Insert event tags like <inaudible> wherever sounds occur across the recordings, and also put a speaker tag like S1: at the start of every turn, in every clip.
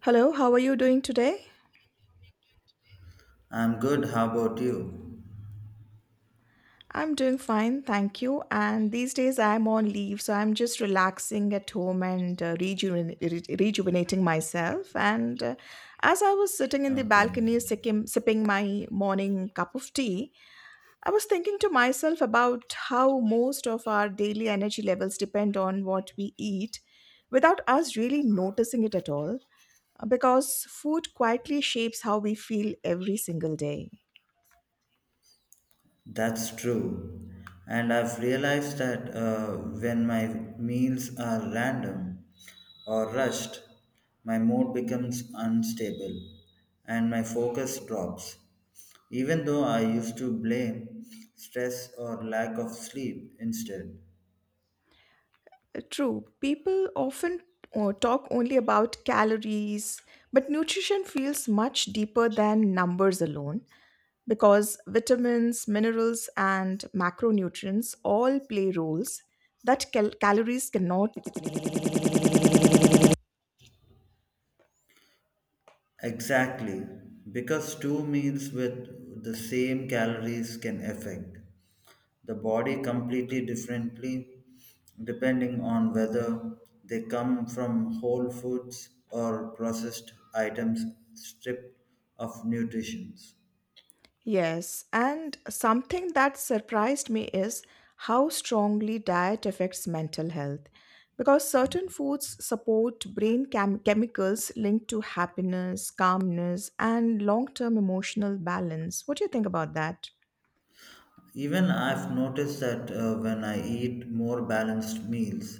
S1: Hello, how are you doing today?
S2: I'm good. How about you?
S1: I'm doing fine, thank you. And these days I'm on leave, so I'm just relaxing at home and rejuvenating myself. And as I was sitting in the
S2: Okay,
S1: balcony sipping my morning cup of tea, I was thinking to myself about how most of our daily energy levels depend on what we eat without us really noticing it at all. Because food quietly shapes how we feel every single day.
S2: that's true. And I've realized that when my meals are random or rushed, my mood becomes unstable and my focus drops. Even though I used to blame stress or lack of sleep instead.
S1: True, people often talk only about calories, but nutrition feels much deeper than numbers alone. Because vitamins, minerals, and macronutrients all play roles that calories cannot.
S2: Exactly, because two meals with the same calories can affect the body completely differently depending on whether they come from whole foods or processed items stripped of nutrition.
S1: Yes, and something that surprised me is how strongly diet affects mental health, because certain foods support brain chemicals linked to happiness, calmness, and long term emotional balance. What do you think about that?
S2: Even I've noticed that when I eat more balanced meals,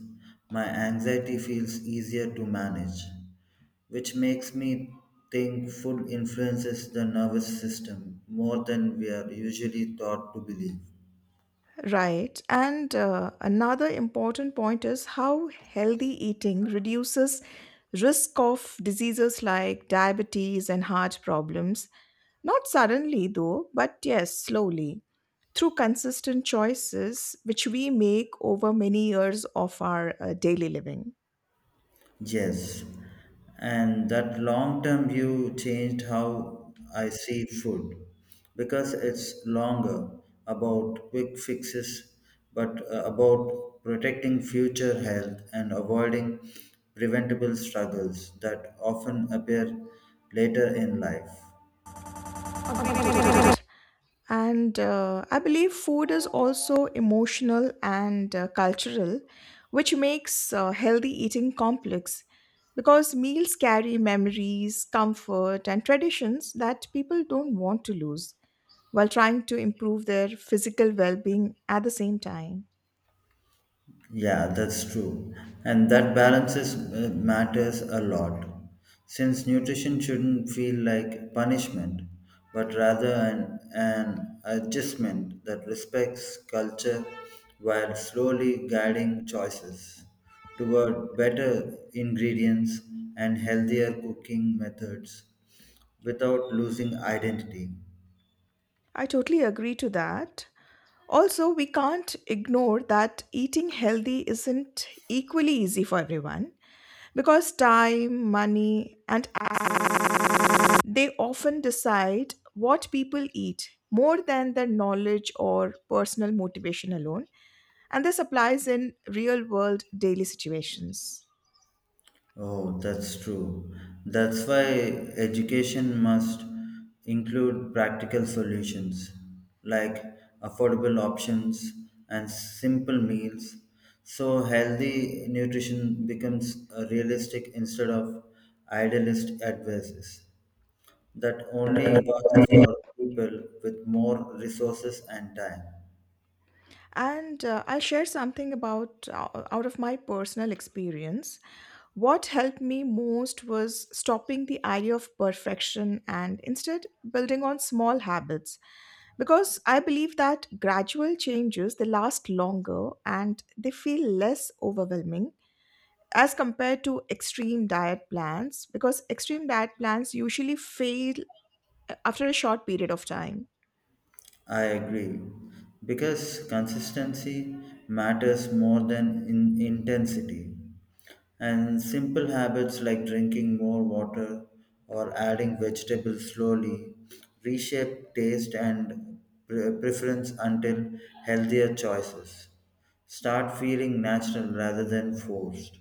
S2: my anxiety feels easier to manage, which makes me think food influences the nervous system more than we are usually taught to believe.
S1: Right. And another important point is how healthy eating reduces risk of diseases like diabetes and heart problems. Not suddenly, though, but yes, slowly. Through consistent choices which we make over many years of our daily living.
S2: Yes, and that long term view changed how I see food because it's longer about quick fixes, but about protecting future health and avoiding preventable struggles that often appear later in life.
S1: And I believe food is also emotional and cultural, which makes healthy eating complex because meals carry memories, comfort, and traditions that people don't want to lose while trying to improve their physical well being at the same time.
S2: Yeah, that's true. And that balance matters a lot. Since nutrition shouldn't feel like punishment, but rather an adjustment that respects culture while slowly guiding choices toward better ingredients and healthier cooking methods without losing identity.
S1: I totally agree to that. Also, we can't ignore that eating healthy isn't equally easy for everyone because time, money, and they often decide what people eat more than their knowledge or personal motivation alone, and this applies in real world daily situations.
S2: Oh, that's true. That's why education must include practical solutions like affordable options and simple meals. So, healthy nutrition becomes a realistic instead of idealist advices that only works for people with more resources and time.
S1: And I'll share something about out of my personal experience. What helped me most was stopping the idea of perfection and instead building on small habits, because I believe that gradual changes they last longer and they feel less overwhelming as compared to extreme diet plans, because extreme diet plans usually fail after a short period of time.
S2: I agree. Because consistency matters more than in intensity. And simple habits like drinking more water or adding vegetables slowly reshape taste and preference until healthier choices start feeling natural rather than forced.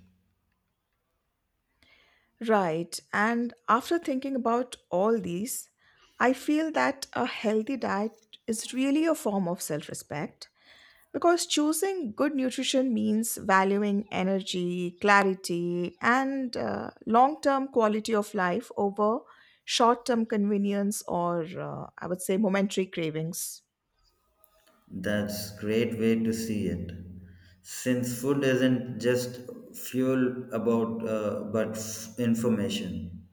S1: Right, and after thinking about all these, I feel that a healthy diet is really a form of self-respect. Because choosing good nutrition means valuing energy, clarity, and long term quality of life over short term convenience or, I would say, momentary cravings.
S2: That's great way to see it. Since food isn't just fuel about but information.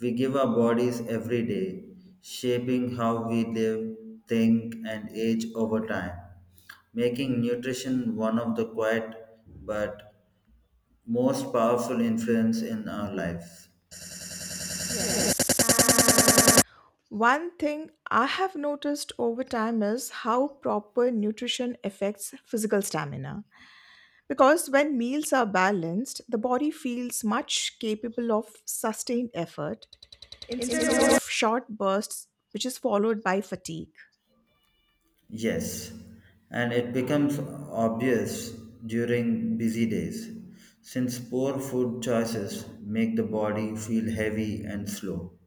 S2: We give our bodies every day, shaping how we live, think and age over time, making nutrition one of the quiet but most powerful influence in our life.
S1: One thing I have noticed over time is how proper nutrition affects physical stamina. Because when meals are balanced, the body feels much capable of sustained effort instead of short bursts, which is followed by fatigue.
S2: Yes, and it becomes obvious during busy days, since poor food choices make the body feel heavy and slow,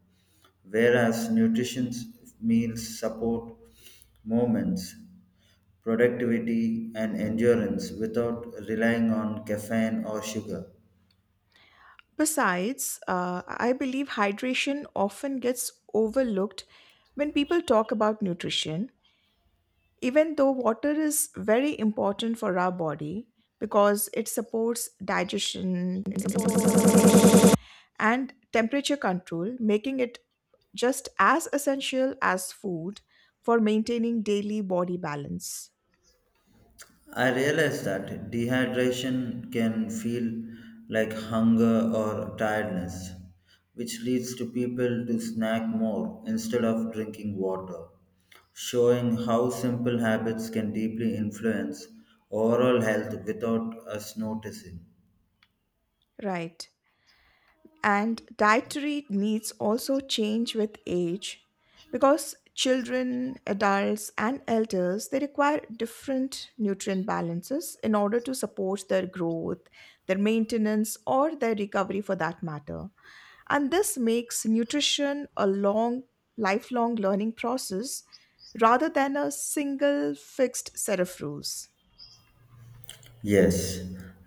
S2: whereas nutritious meals support movements, productivity, and endurance without relying on caffeine or sugar.
S1: Besides, I believe hydration often gets overlooked when people talk about nutrition, even though water is very important for our body because it supports digestion and temperature control, making it just as essential as food for maintaining daily body balance.
S2: I realized that dehydration can feel like hunger or tiredness, which leads to people to snack more instead of drinking water, showing how simple habits can deeply influence overall health without us noticing.
S1: Right. And dietary needs also change with age, because children, adults, and elders they require different nutrient balances in order to support their growth, their maintenance, or their recovery for that matter, and this makes nutrition a long, lifelong learning process rather than a single fixed set of rules.
S2: Yes,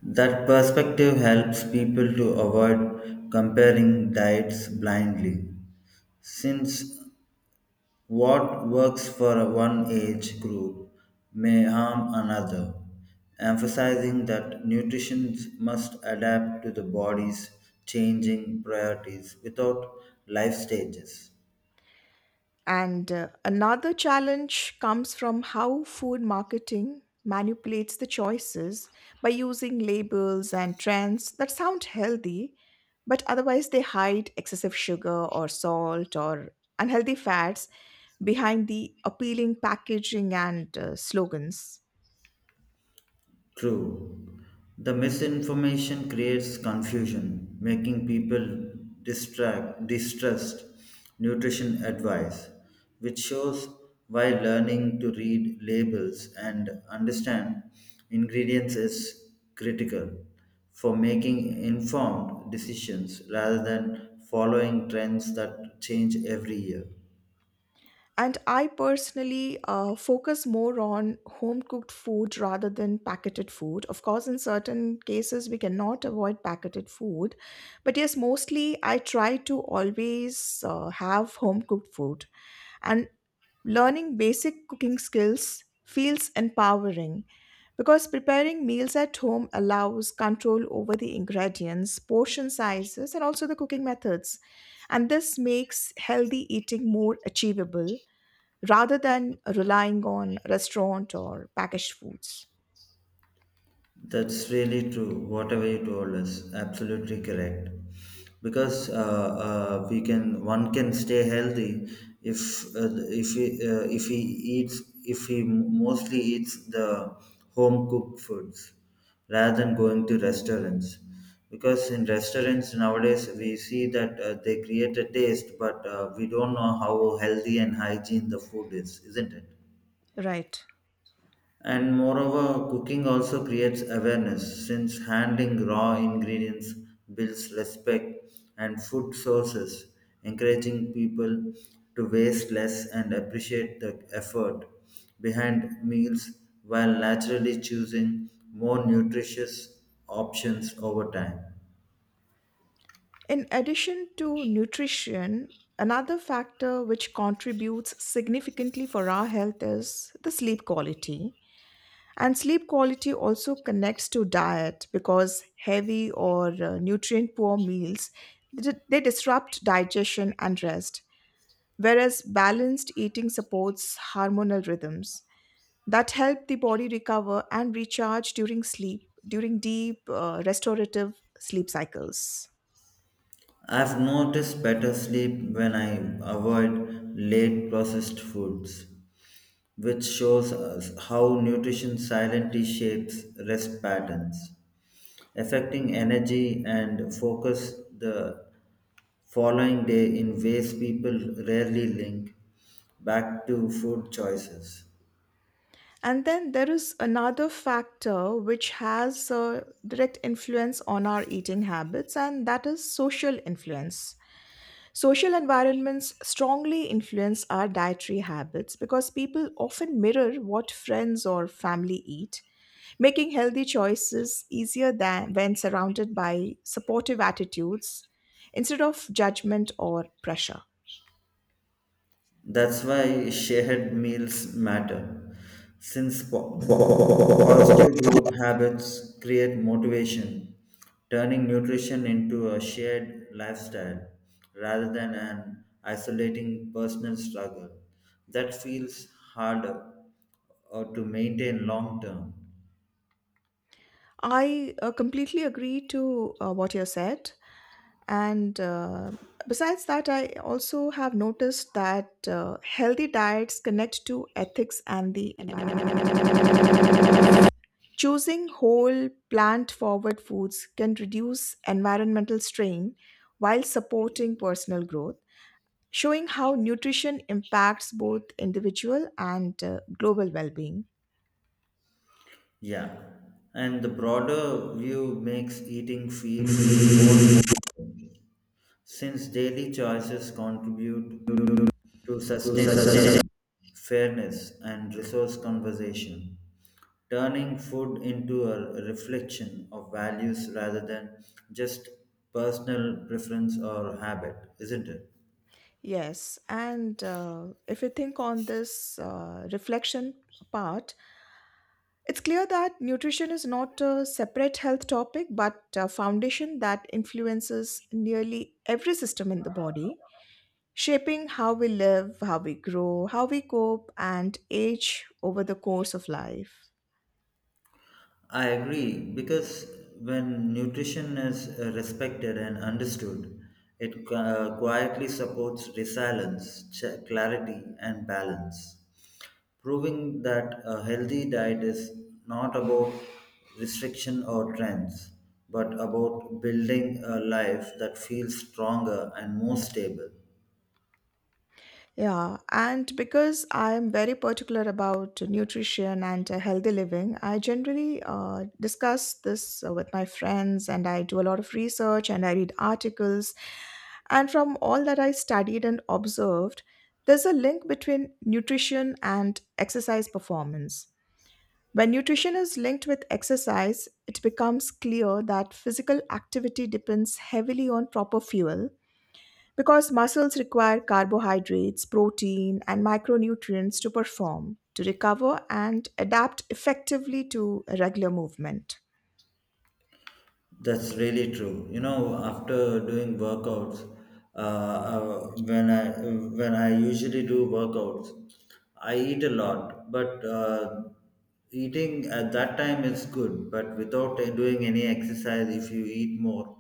S2: that perspective helps people to avoid comparing diets blindly, since what works for one age group may harm another, emphasizing that nutrition must adapt to the body's changing priorities without life stages.
S1: And another challenge comes from how food marketing manipulates the choices by using labels and trends that sound healthy, but otherwise they hide excessive sugar or salt or unhealthy fats behind the appealing packaging and slogans.
S2: True. The misinformation creates confusion, making people distrust nutrition advice, which shows why learning to read labels and understand ingredients is critical for making informed decisions rather than following trends that change every year.
S1: And I personally focus more on home cooked food rather than packeted food. Of course, in certain cases, we cannot avoid packeted food. But yes, mostly I try to always have home cooked food. And learning basic cooking skills feels empowering because preparing meals at home allows control over the ingredients, portion sizes, and also the cooking methods. And this makes healthy eating more achievable rather than relying on restaurant or packaged foods.
S2: That's really true. Whatever you told us, absolutely correct. Because one can stay healthy if he mostly eats the home cooked foods rather than going to restaurants. Because in restaurants nowadays we see that they create a taste, but we don't know how healthy and hygiene the food is, isn't it?
S1: Right.
S2: And moreover, cooking also creates awareness since handling raw ingredients builds respect and food sources, encouraging people to waste less and appreciate the effort behind meals while naturally choosing more nutritious options over time.
S1: In addition to nutrition, another factor which contributes significantly for our health is the sleep quality. And sleep quality also connects to diet because heavy or nutrient poor meals they disrupt digestion and rest, whereas balanced eating supports hormonal rhythms that help the body recover and recharge during sleep, during deep restorative sleep cycles.
S2: I've noticed better sleep when I avoid late processed foods, which shows us how nutrition silently shapes rest patterns, affecting energy and focus the following day in ways people rarely link back to food choices.
S1: And then there is another factor which has a direct influence on our eating habits, and that is social influence. Social environments strongly influence our dietary habits because people often mirror what friends or family eat, making healthy choices easier than when surrounded by supportive attitudes instead of judgment or pressure.
S2: That's why shared meals matter, since positive group habits create motivation, turning nutrition into a shared lifestyle rather than an isolating personal struggle that feels harder or to maintain long term.
S1: I completely agree to what you said. And besides that, I also have noticed that healthy diets connect to ethics and the environment. Choosing whole, plant forward foods can reduce environmental strain while supporting personal growth, showing how nutrition impacts both individual and global well being.
S2: Yeah, and the broader view makes eating feel more meaningful since daily choices contribute to sustainability, fairness, and resource conservation, turning food into a reflection of values rather than just personal preference or habit, isn't it?
S1: Yes, and if you think on this reflection part, it's clear that nutrition is not a separate health topic but a foundation that influences nearly every system in the body, shaping how we live, how we grow, how we cope, and age over the course of life.
S2: I agree because when nutrition is respected and understood, it quietly supports resilience, clarity, and balance, proving that a healthy diet is not about restriction or trends, but about building a life that feels stronger and more stable.
S1: Yeah, and because I am very particular about nutrition and healthy living, I generally discuss this with my friends and I do a lot of research and I read articles. And from all that I studied and observed, there's a link between nutrition and exercise performance. When nutrition is linked with exercise, it becomes clear that physical activity depends heavily on proper fuel because muscles require carbohydrates, protein, and micronutrients to perform, to recover, and adapt effectively to regular movement.
S2: That's really true. You know, after doing workouts, when I usually do workouts, I eat a lot. But eating at that time is good. But without doing any exercise, if you eat more,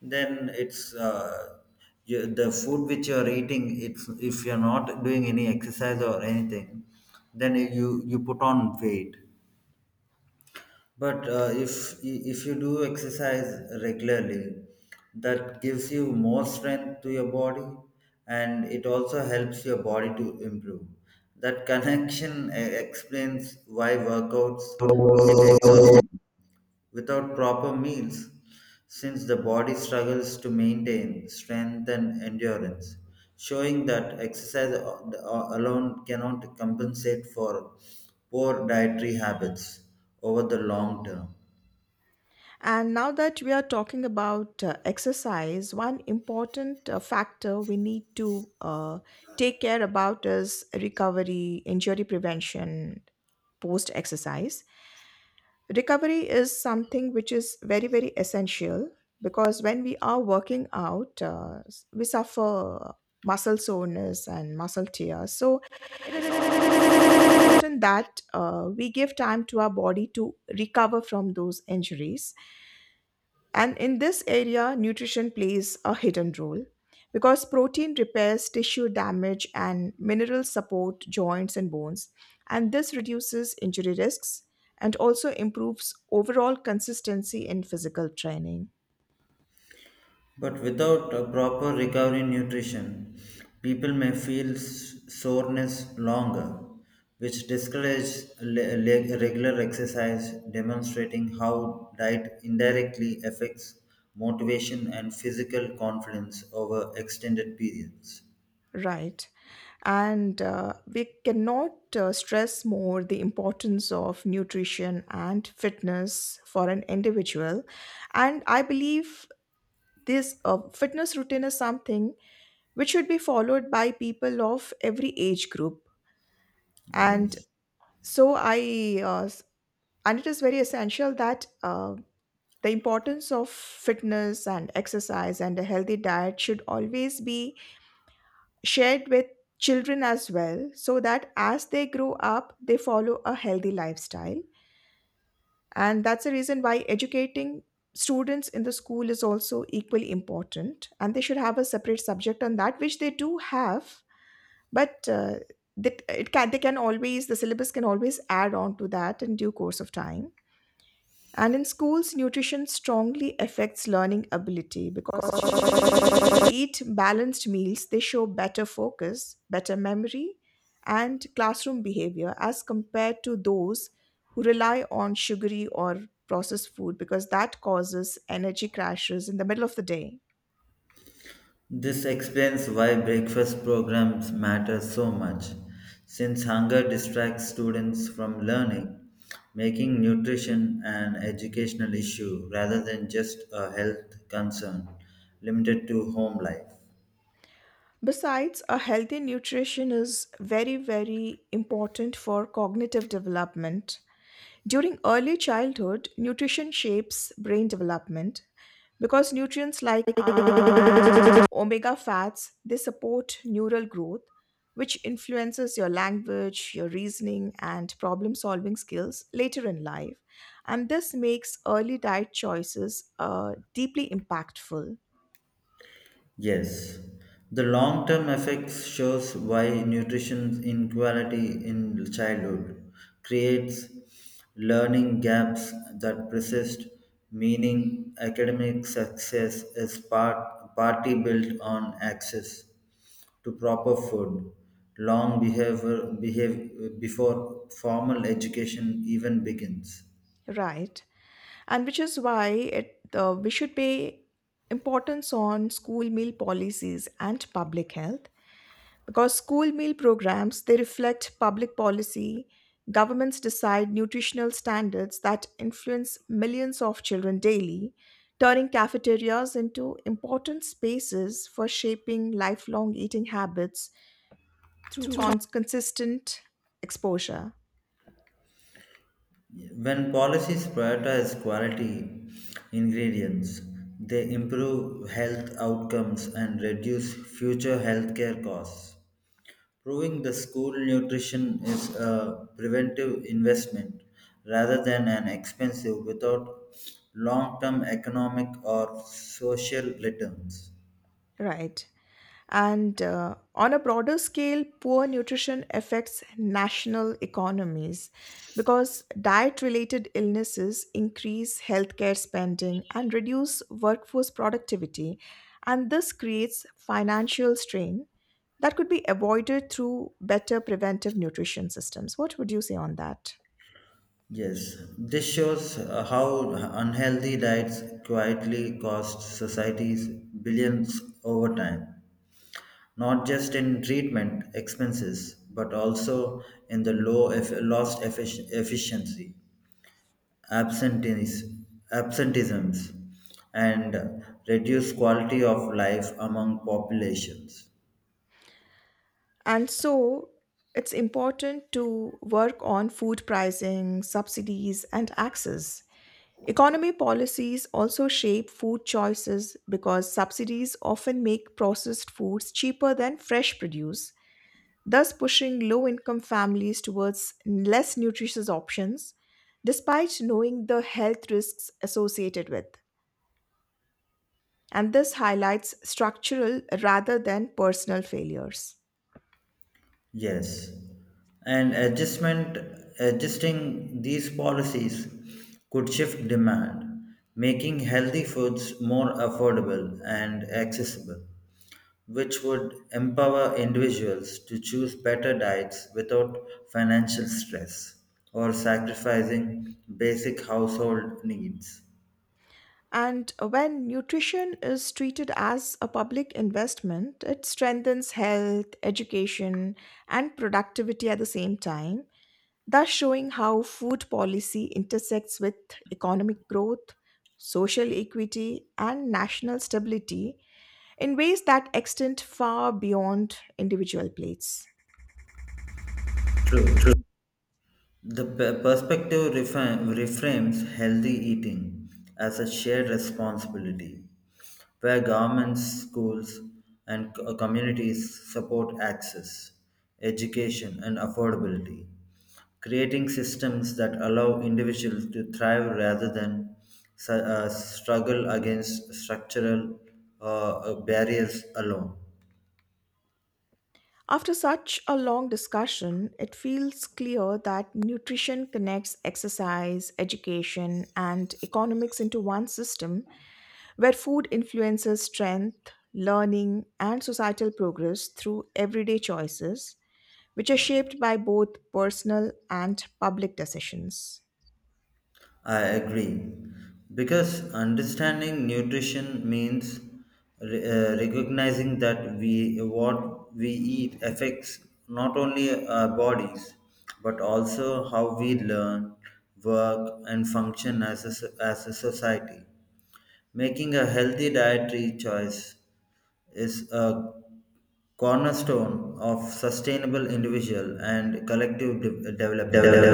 S2: then the food which you are eating. It's if you're not doing any exercise or anything, then you put on weight but if you do exercise regularly, that gives you more strength to your body, and it also helps your body to improve. That connection explains why workouts feel exhausting without proper meals, since the body struggles to maintain strength and endurance, showing that exercise alone cannot compensate for poor dietary habits over the long term.
S1: And now that we are talking about exercise, one important factor we need to take care about is recovery, injury prevention post exercise. Recovery is something which is very very essential because when we are working out we suffer muscle soreness and muscle tears, so important that we give time to our body to recover from those injuries. And in this area, nutrition plays a hidden role because protein repairs tissue damage and minerals support joints and bones. And this reduces injury risks and also improves overall consistency in physical training.
S2: But without a proper recovery nutrition, people may feel soreness longer, which discourages regular exercise, demonstrating how diet indirectly affects motivation and physical confidence over extended periods.
S1: Right. And we cannot stress more the importance of nutrition and fitness for an individual. And I believe this fitness routine is something which should be followed by people of every age group. And
S2: Yes.
S1: so I, uh, s- and it is very essential that the importance of fitness and exercise and a healthy diet should always be shared with children as well, so that as they grow up, they follow a healthy lifestyle. And that's the reason why educating students in the school is also equally important. And they should have a separate subject on that, which they do have, but that it can they can always, the syllabus can always add on to that in due course of time. And in schools, nutrition strongly affects learning ability because children eat balanced meals, they show better focus, better memory, and classroom behavior as compared to those who rely on sugary or processed food, because that causes energy crashes in the middle of the day.
S2: This explains why breakfast programs matter so much, since hunger distracts students from learning, making nutrition an educational issue rather than just a health concern limited to home life.
S1: Besides, a healthy nutrition is very, very important for cognitive development. During early childhood, nutrition shapes brain development because nutrients like <coughs> omega fats they support neural growth, which influences your language, your reasoning, and problem solving skills later in life. And this makes early diet choices deeply impactful,
S2: Yes, the long term effects shows why nutrition inequality in childhood creates learning gaps that persist, meaning academic success is partly built on access to proper food, before formal education even begins.
S1: right? And which is why it we should pay importance on school meal policies and public health, because school meal programs they reflect public policy. Governments decide nutritional standards that influence millions of children daily, turning cafeterias into important spaces for shaping lifelong eating habits through consistent exposure.
S2: When policies prioritize quality ingredients, they improve health outcomes and reduce future healthcare costs. Proving the school nutrition is a preventive investment rather than an expensive without long term economic or social returns.
S1: Right. And on a broader scale, poor nutrition affects national economies because diet related illnesses increase healthcare spending and reduce workforce productivity. And this creates financial strain that could be avoided through better preventive nutrition systems. What would you say on that?
S2: Yes, this shows how unhealthy diets quietly cost societies billions over time, not just in treatment expenses, but also in the efficiency, absenteeisms, and reduced quality of life among populations.
S1: And so it's important to work on food pricing, subsidies, and access. Economy policies also shape food choices because subsidies often make processed foods cheaper than fresh produce, thus pushing low income families towards less nutritious options despite knowing the health risks associated with. And this highlights structural rather than personal failures.
S2: Yes, and adjustment adjusting these policies could shift demand, making healthy foods more affordable and accessible, which would empower individuals to choose better diets without financial stress or sacrificing basic household needs.
S1: And when nutrition is treated as a public investment, it strengthens health, education, and productivity at the same time, thus showing how food policy intersects with economic growth, social equity, and national stability in ways that extend far beyond individual plates.
S2: True. The perspective reframes healthy eating as a shared responsibility, where governments, schools, and communities support access, education, and affordability, creating systems that allow individuals to thrive rather than struggle against structural barriers alone.
S1: After such a long discussion, it feels clear that nutrition connects exercise, education, and economics into one system where food influences strength, learning, and societal progress through everyday choices, which are shaped by both personal and public decisions.
S2: I agree. Because understanding nutrition means recognizing that we what we eat affects not only our bodies but also how we learn, work, and function as as a society. Making a healthy dietary choice is a cornerstone of sustainable individual and collective development.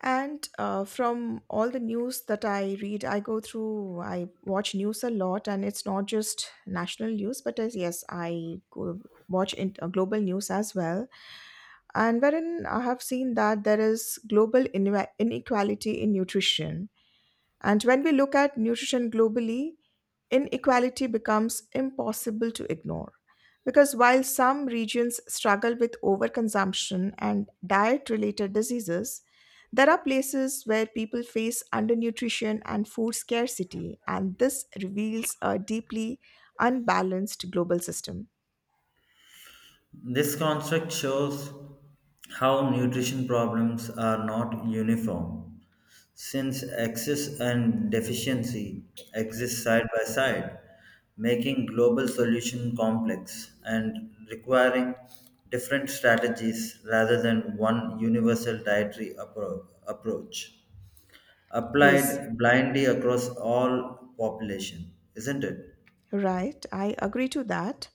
S1: And from all the news that I read, I go through, I watch news a lot, and it's not just national news, but as yes, I go watch in, global news as well. And wherein I have seen that there is global inequality in nutrition. And when we look at nutrition globally, inequality becomes impossible to ignore. Because while some regions struggle with overconsumption and diet related diseases, there are places where people face undernutrition and food scarcity, and this reveals a deeply unbalanced global system.
S2: This construct shows how nutrition problems are not uniform, since excess and deficiency exist side by side, making global solution complex and requiring different strategies rather than one universal dietary approach
S1: Yes,
S2: applied blindly across all population, isn't it?
S1: right, I agree to that.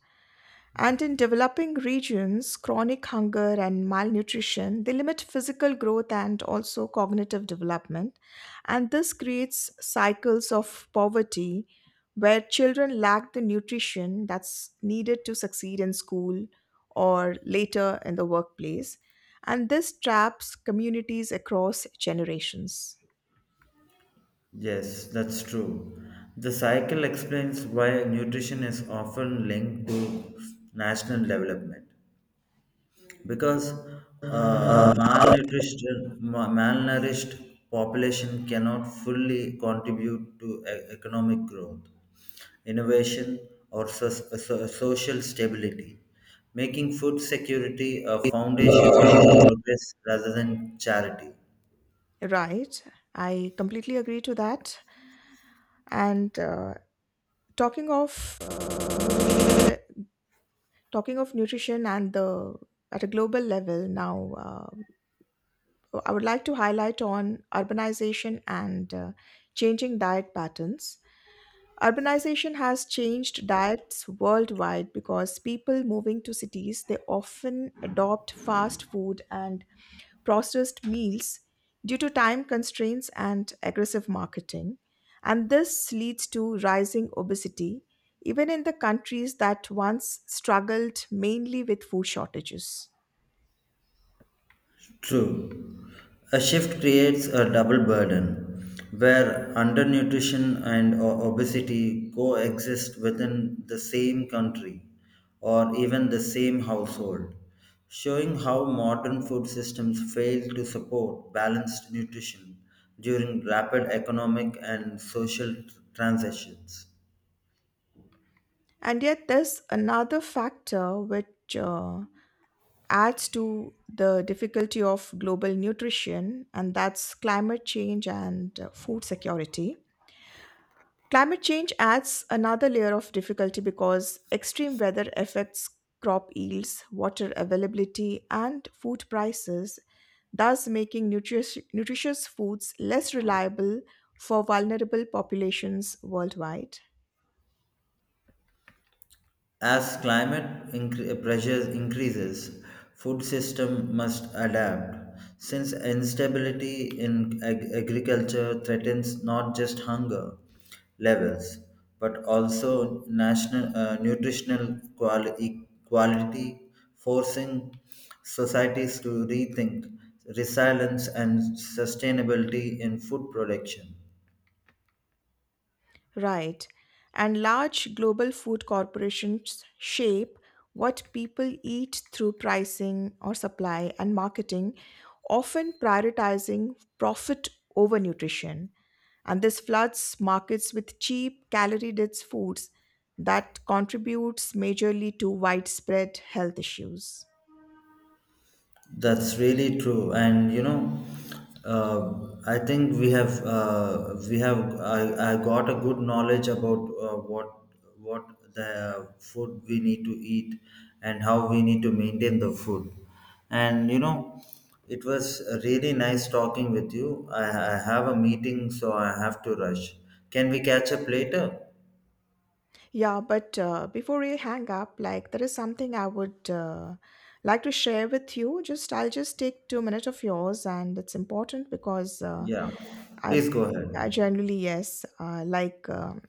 S1: And in developing regions, chronic hunger and malnutrition, they limit physical growth and also cognitive development. And this creates cycles of poverty where children lack the nutrition that's needed to succeed in school or later in the workplace. And this traps communities across generations.
S2: Yes, that's true. The cycle explains why nutrition is often linked to national development because malnourished population cannot fully contribute to economic growth, innovation, or social stability, making food security a foundation for progress rather than charity.
S1: Right. I completely agree to that. And talking of uh, talking of nutrition and the at a global level now, I would like to highlight on urbanization and changing diet patterns. Urbanization has changed diets worldwide because people moving to cities, they often adopt fast food and processed meals due to time constraints and aggressive marketing. And this leads to rising obesity, even in the countries that once struggled mainly with food shortages.
S2: True. A shift creates a double burden where undernutrition and obesity coexist within the same country or even the same household, showing how modern food systems fail to support balanced nutrition during rapid economic and social transitions.
S1: And yet, there's another factor which adds to the difficulty of global nutrition, and that's climate change and food security. Climate change adds another layer of difficulty because extreme weather affects crop yields, water availability, and food prices, thus making nutritious foods less reliable for vulnerable populations worldwide.
S2: As pressures increases, food system must adapt. Since instability in agriculture threatens not just hunger levels, but also national nutritional quality, forcing societies to rethink resilience and sustainability in food production.
S1: Right. And large global food corporations shape what people eat through pricing or supply and marketing, often prioritizing profit over nutrition. And this floods markets with cheap, calorie dense foods that contributes majorly to widespread health issues.
S2: That's really true, and you know, I think we have I got a good knowledge about what the food we need to eat and how we need to maintain the food, and you know, it was really nice talking with you. I have a meeting, so I have to rush. Can we catch up later?
S1: Yeah, but before we hang up, like, there is something I would like to share with you. Just I'll just take 2 minutes of yours, and it's important because
S2: Yeah,
S1: I,
S2: please go
S1: I
S2: ahead.
S1: generally yes,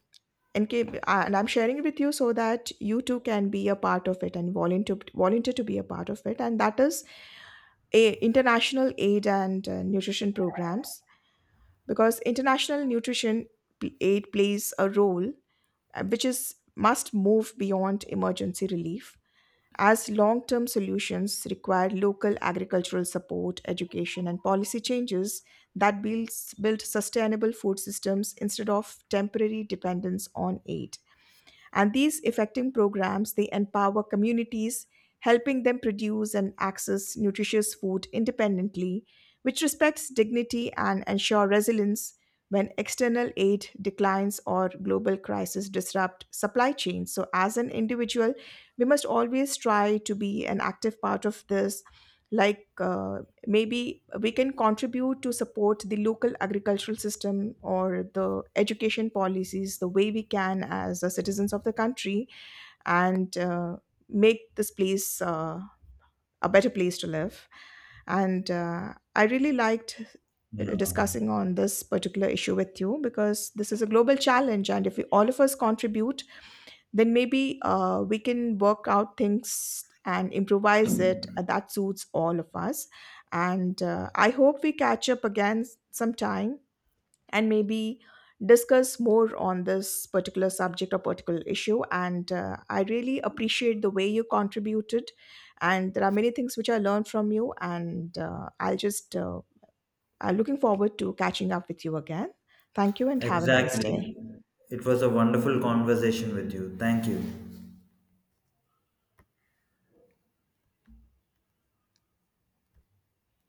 S1: in case, and I'm sharing it with you so that you too can be a part of it and volunteer to be a part of it, and that is a international aid and nutrition programs, because international nutrition aid plays a role which is must move beyond emergency relief, as long-term solutions require local agricultural support, education and policy changes that build sustainable food systems instead of temporary dependence on aid. And these effective programs, they empower communities, helping them produce and access nutritious food independently, which respects dignity and ensure resilience when external aid declines or global crises disrupt supply chains. So as an individual, we must always try to be an active part of this, like maybe we can contribute to support the local agricultural system or the education policies the way we can as the citizens of the country, and make this place a better place to live, and I really liked
S2: Yeah.
S1: discussing on this particular issue with you, because this is a global challenge, and if we all of us contribute, then maybe we can work out things and improvise it that suits all of us. And I hope we catch up again sometime and maybe discuss more on this particular subject or particular issue. And I really appreciate the way you contributed. And there are many things which I learned from you. And I'm looking forward to catching up with you again. Thank you and have a nice
S2: Exactly.
S1: day.
S2: It was a wonderful conversation with you. Thank you.